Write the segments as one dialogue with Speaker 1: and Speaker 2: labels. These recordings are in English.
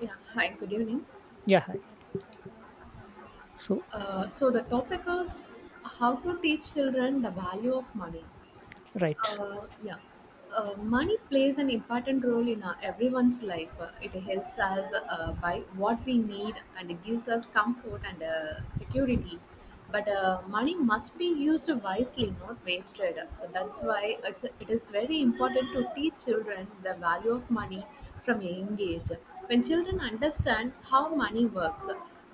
Speaker 1: Yeah, hi, good evening.
Speaker 2: Yeah, hi. So,
Speaker 1: So the topic is how to teach children the value of money.
Speaker 2: right,
Speaker 1: Yeah, money plays an important role in our, everyone's life. It helps us buy what we need, and it gives us comfort and security. But money must be used wisely, not wasted. So that's why it is very important to teach children the value of money from a young age. When children understand how money works,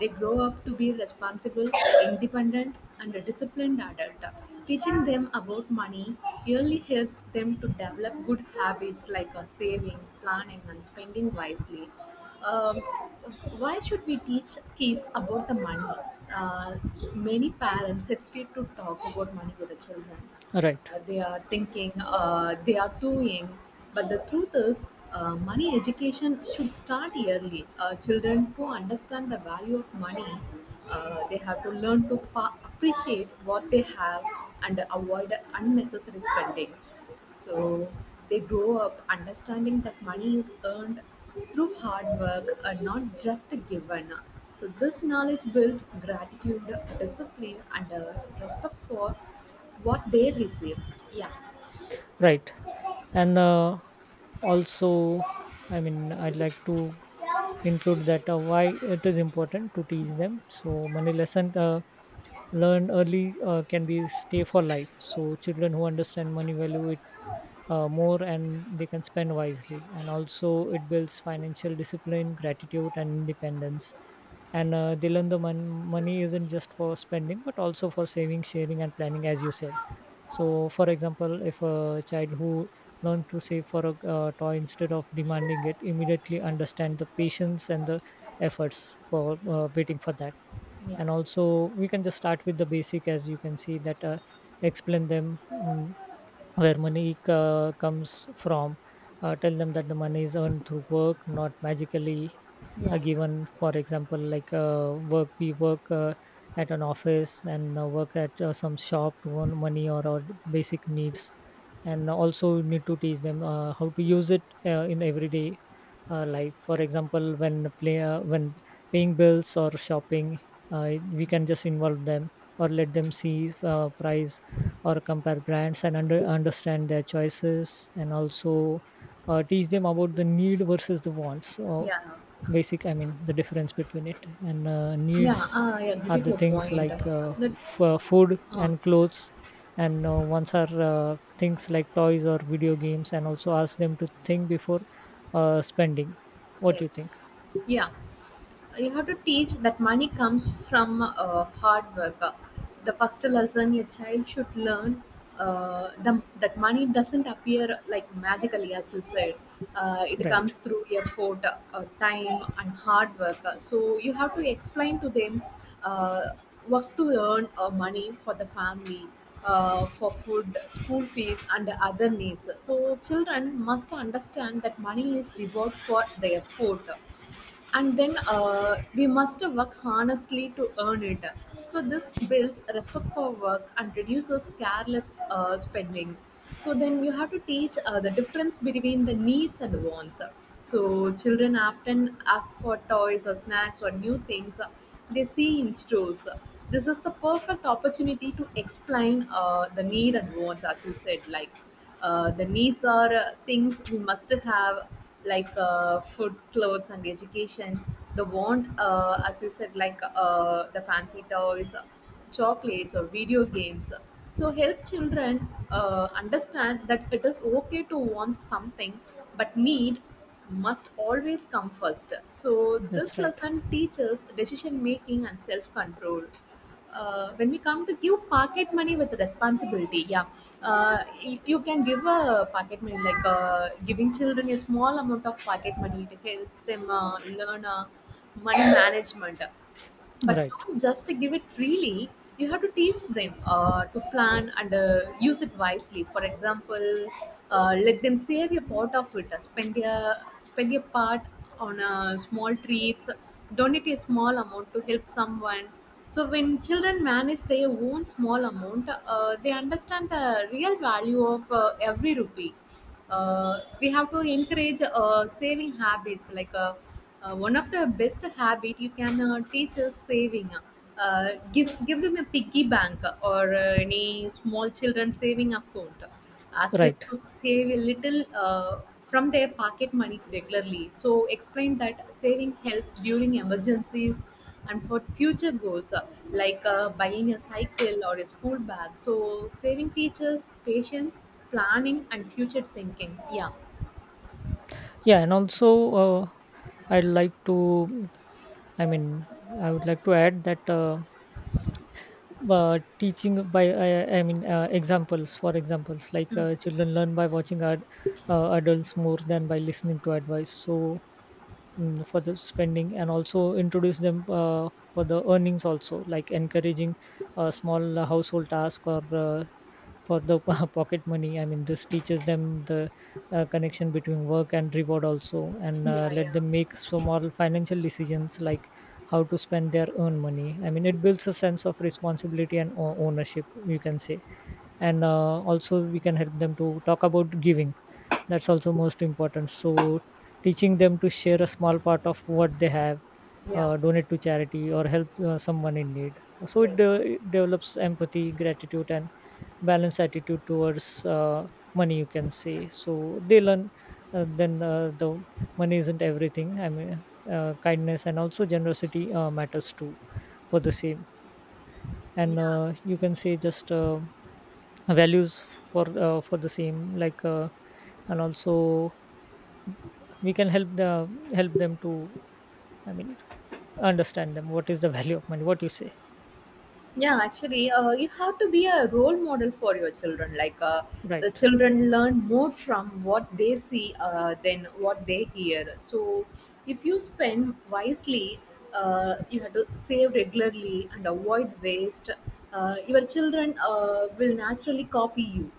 Speaker 1: they grow up to be responsible, independent, and a disciplined adult. Teaching them about money really helps them to develop good habits like saving, planning, and spending wisely. Um, why should we teach kids about the money? Uh, Many parents hesitate to talk about money with the children.
Speaker 2: right.
Speaker 1: They are thinking, they are doing, but the truth is, money education should start early. Children who understand the value of money, they have to learn to appreciate what they have and avoid unnecessary spending, so they grow up understanding that money is earned through hard work and not just given. So this knowledge builds gratitude, discipline, and respect for what they receive. Yeah,
Speaker 2: Right, and also, I mean, I'd like to include that why it is important to teach them. So, money lessons learned early can be stay for life. So children who understand money value it more, and they can spend wisely, and also it builds financial discipline, gratitude, and independence. And they learn the money isn't just for spending but also for saving, sharing, and planning, as you said. So, for example, if a child who learned to save for a toy instead of demanding it immediately understand the patience and the efforts for waiting for that.
Speaker 1: yeah,
Speaker 2: And also, we can just start with the basic, as you can see that explain them. Where money comes from. Tell them that the money is earned through work, not magically
Speaker 1: yeah,
Speaker 2: given. For example, like work, we work at an office and work at some shop to earn money or our basic needs. And also need to teach them how to use it in everyday life. For example, when paying bills or shopping, we can just involve them or let them see price or compare brands and understand their choices, and also teach them about the need versus the wants. Or
Speaker 1: yeah, yeah.
Speaker 2: basic, I mean, the difference between it, and needs
Speaker 1: Yeah, I
Speaker 2: are
Speaker 1: agree with
Speaker 2: the
Speaker 1: your
Speaker 2: things
Speaker 1: point.
Speaker 2: like
Speaker 1: That
Speaker 2: food
Speaker 1: uh,
Speaker 2: and clothes, and ones are things like toys or video games. And also ask them to think before spending. What do you think?
Speaker 1: yes, yeah. You have to teach that money comes from hard work. The first lesson your child should learn, uh, the, that money doesn't appear like magically, as you said. It
Speaker 2: Right.
Speaker 1: comes through effort, time, and hard work. So you have to explain to them uh, what to earn money for the family, for food, school fees, and other needs. So children must understand that money is reward for their effort, and then we must work honestly to earn it. So this builds respect for work and reduces careless spending. So then you have to teach the difference between the needs and wants. So children often ask for toys or snacks or new things they see in stores. This is the perfect opportunity to explain the need and wants, as you said, like. The needs are things we must have, like food, clothes, and education. The want, as you said, like the fancy toys, chocolates, or video games. So help children understand that it is okay to want something, but need must always come first. So this
Speaker 2: That's right.
Speaker 1: lesson teaches decision making and self control. When we come to give pocket money with responsibility, yeah, you can give a pocket money like giving children a small amount of pocket money. It helps them learn money management. But
Speaker 2: Right,
Speaker 1: don't just give it freely. You have to teach them to plan and use it wisely. For example, let them save a part of it, spend a part on small treats, donate a small amount to help someone. So when children manage their own small amount, they understand the real value of every rupee. We have to encourage saving habits like. One of the best habit you can teach is saving. Give them a piggy bank, or any small children saving account. Ask them
Speaker 2: right.
Speaker 1: to save a little from their pocket money regularly. So explain that saving helps during emergencies and for future goals, like buying a cycle or a school bag. So saving teaches patience, planning, and future thinking. Yeah,
Speaker 2: Yeah, and also I'd like to, I mean, I would like to add that teaching by, examples. Like children learn by watching adults more than by listening to advice. So for the spending, and also introduce them for the earnings also, like encouraging a small household task or for the pocket money. I mean, this teaches them the connection between work and reward also. And
Speaker 1: yeah,
Speaker 2: let
Speaker 1: yeah,
Speaker 2: them make small financial decisions, like how to spend their own money. I mean, it builds a sense of responsibility and ownership, you can say. And also, we can help them to talk about giving. That's also most important. So teaching them to share a small part of what they have,
Speaker 1: yeah,
Speaker 2: donate to charity or help someone in need, so it, uh,
Speaker 1: yes,
Speaker 2: it develops empathy, gratitude, and balanced attitude towards money, you can say. So they learn the money isn't everything. I mean, kindness and also generosity matters too for the same. And
Speaker 1: yeah.
Speaker 2: you can say just values for for the same, like and also we can help them to, I mean, understand them what is the value of money. What you say?
Speaker 1: Yeah, actually, you have to be a role model for your children. Like, the
Speaker 2: Right,
Speaker 1: children learn more from what they see than what they hear. So, if you spend wisely, you have to save regularly and avoid waste. Your children will naturally copy you.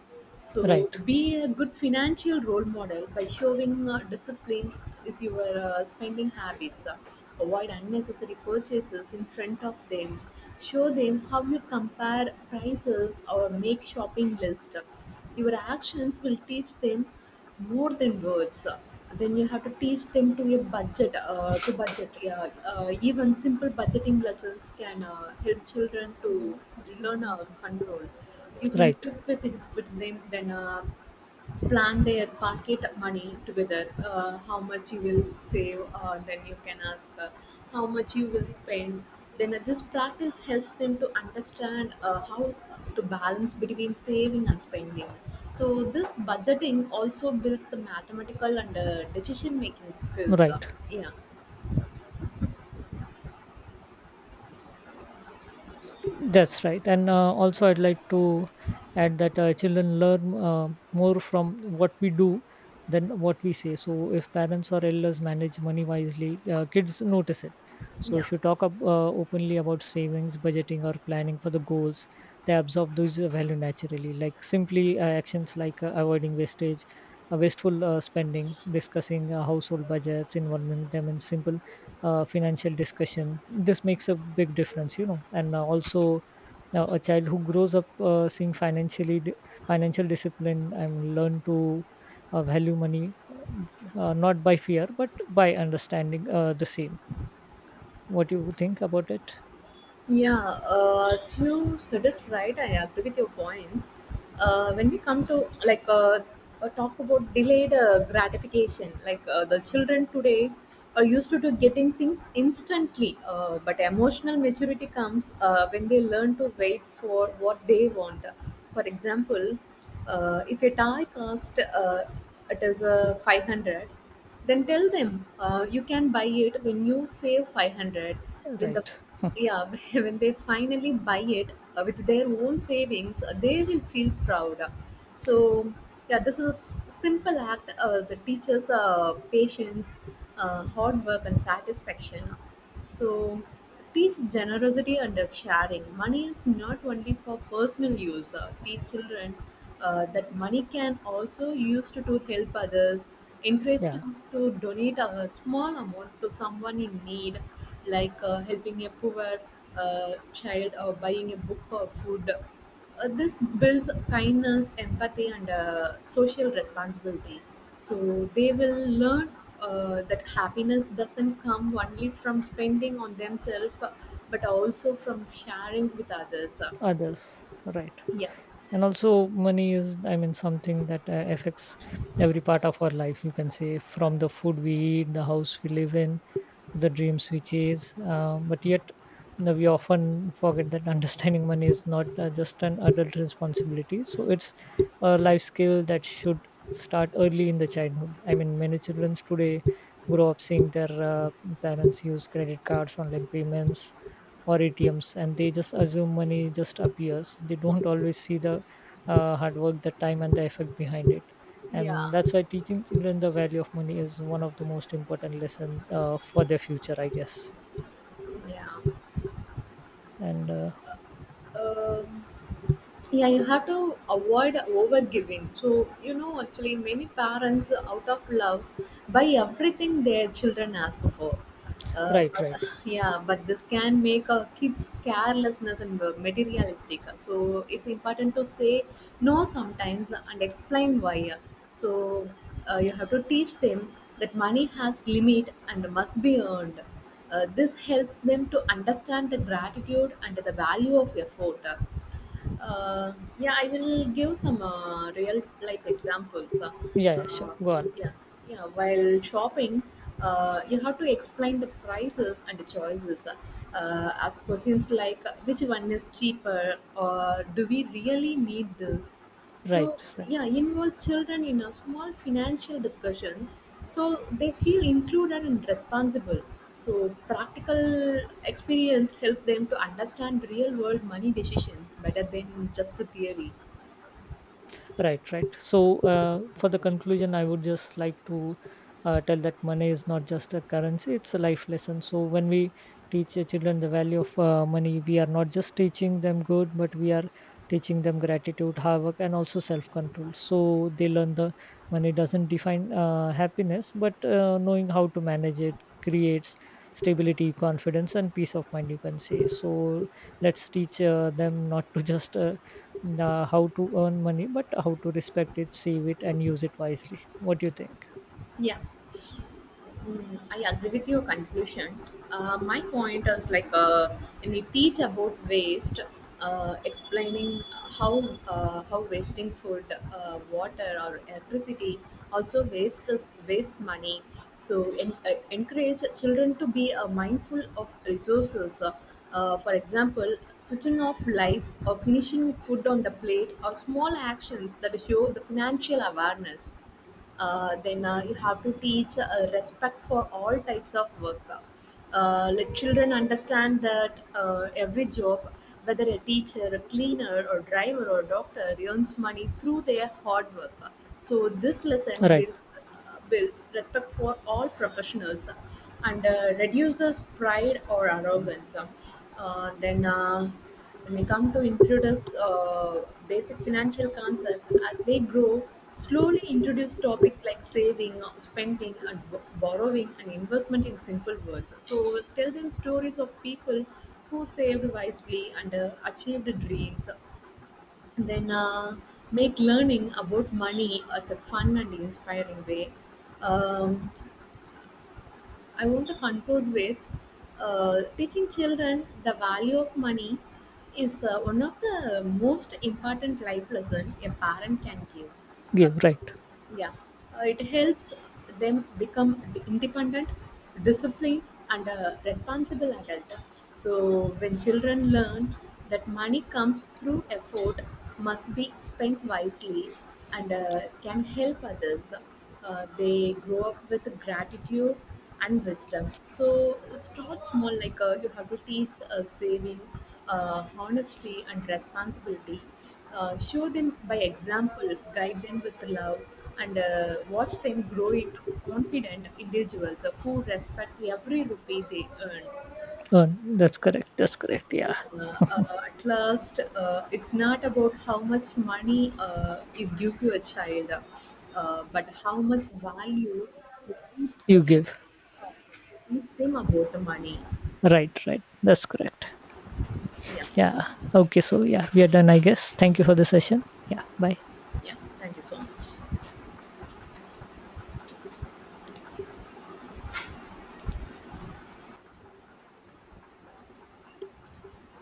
Speaker 2: right,
Speaker 1: So, be a good financial role model by showing discipline is your spending habits. Avoid unnecessary purchases in front of them. Show them how you compare prices or make shopping list. Your actions will teach them more than words. Then you have to teach them to budget, yeah. Even simple budgeting lessons can help children to learn, control. You can
Speaker 2: right,
Speaker 1: sit with them, then plan their pocket money together. How much you will save, then you can ask, how much you will spend. Then this practice helps them to understand how to balance between saving and spending. So this budgeting also builds the mathematical and decision making skills.
Speaker 2: right.
Speaker 1: Yeah,
Speaker 2: That's right. And also, I'd like to add that children learn more from what we do than what we say. So, if parents or elders manage money wisely, kids notice it. So,
Speaker 1: yeah.
Speaker 2: if you talk up, openly about savings, budgeting, or planning for the goals, they absorb those value naturally. Like simply actions like avoiding wastage, wasteful spending, discussing household budgets, involving them in simple financial discussion. This makes a big difference. And also a child who grows up seeing financial discipline and learn to value money, not by fear but by understanding the same. What do you think about it?
Speaker 1: Yeah, as you suggest, right? I agree with your points. When we come to like, talk about delayed gratification, like the children today are used to getting things instantly, but emotional maturity comes when they learn to wait for what they want. For example, if a tie cost, it is a 500, then tell them, you can buy it when you save 500. When the
Speaker 2: Right.
Speaker 1: Yeah. When they finally buy it with their own savings, they will feel proud. So yeah, this is a simple act that teaches patience, hard work, and satisfaction. So teach generosity and sharing. Money is not only for personal use. Teach children that money can also used to help others. Encourage
Speaker 2: Yeah,
Speaker 1: them to donate a small amount to someone in need, like helping a poor child or buying a book or food. This builds kindness, empathy, and social responsibility. So they will learn that happiness doesn't come only from spending on themselves, but also from sharing with others.
Speaker 2: others. Right.
Speaker 1: Yeah,
Speaker 2: And also, money is, I mean, something that affects every part of our life, you can say, from the food we eat, the house we live in, to the dreams we chase, but yet, we often forget that understanding money is not just an adult responsibility. So it's a life skill that should start early in the childhood. I mean, many children today grow up seeing their parents use credit cards, online payments, or ATMs, and they just assume money just appears. They don't always see the hard work, the time, and the effort behind it.
Speaker 1: yeah,
Speaker 2: And that's why teaching children the value of money is one of the most important lesson for their future, I guess.
Speaker 1: yeah.
Speaker 2: And
Speaker 1: Um, yeah, you have to avoid overgiving. So, actually, many parents out of love buy everything their children ask for,
Speaker 2: right,
Speaker 1: but
Speaker 2: right.
Speaker 1: yeah, but this can make a kids carelessness and materialistic, so it's important to say no sometimes and explain why. So, you have to teach them that money has limit and must be earned. This helps them to understand the gratitude and the value of effort. uh, yeah, I will give some real life examples.
Speaker 2: Yeah, yeah,
Speaker 1: Uh,
Speaker 2: sure, go on.
Speaker 1: yeah, yeah. While shopping, you have to explain the prices and the choices. Ask questions like which one is cheaper, or do we really need this? So
Speaker 2: Right, right.
Speaker 1: yeah, involve children in a small financial discussions, so they feel included and responsible. So practical experience help them to understand real world money decisions better than just the theory.
Speaker 2: Right, right. So, for the conclusion, I would just like to tell that money is not just a currency, it's a life lesson. So, when we teach children the value of money, we are not just teaching them good, but we are teaching them gratitude, hard work, and also self control. So, they learn the money doesn't define happiness, but knowing how to manage it creates stability, confidence, and peace of mind, you can say. So, let's teach them not to just how to earn money but how to respect it, save it, and use it wisely. What do you think?
Speaker 1: Yeah. Mm, I agree with your conclusion. My point is like, when we teach about waste, explaining how how wasting food, water, or electricity also waste is waste money. So encourage children to be mindful of resources. For example, switching off lights or finishing food on the plate are small actions that show the financial awareness. Then you have to teach respect for all types of work. Let children understand that every job, whether a teacher, a cleaner, or driver, or doctor, earns money through their hard work. So this lesson
Speaker 2: Right.
Speaker 1: builds respect for all professionals and reduces pride or arrogance. Uh, then, uh, when we come to introduce basic financial concept, as they grow, slowly introduce topics like saving, spending, and borrowing and investment in simple words. So, tell them stories of people who saved wisely and achieved dreams. Then make learning about money as a fun and inspiring way. Um, I want to conclude with teaching children the value of money is one of the most important life lesson a parent can give. Uh,
Speaker 2: Give. Right.
Speaker 1: yeah, it helps them become independent, disciplined, and a responsible adult. So when children learn that money comes through effort, must be spent wisely, and can help others, they grow up with gratitude and wisdom. So start small, like you have to teach saving, honesty, and responsibility. Show them by example, guide them with love, and watch them grow into confident individuals who respect every rupee they earn.
Speaker 2: Earn. That's correct. That's correct. Yeah.
Speaker 1: Yeah, at last, it's not about how much money you give to a child, but how much value you teach
Speaker 2: You
Speaker 1: them,
Speaker 2: give.
Speaker 1: uh, you teach them about the money.
Speaker 2: Right, right. That's correct.
Speaker 1: Yeah,
Speaker 2: Yeah, okay, so yeah, we are done, I guess. Thank you for the session. Yeah, bye.
Speaker 1: yeah. Thank you so much.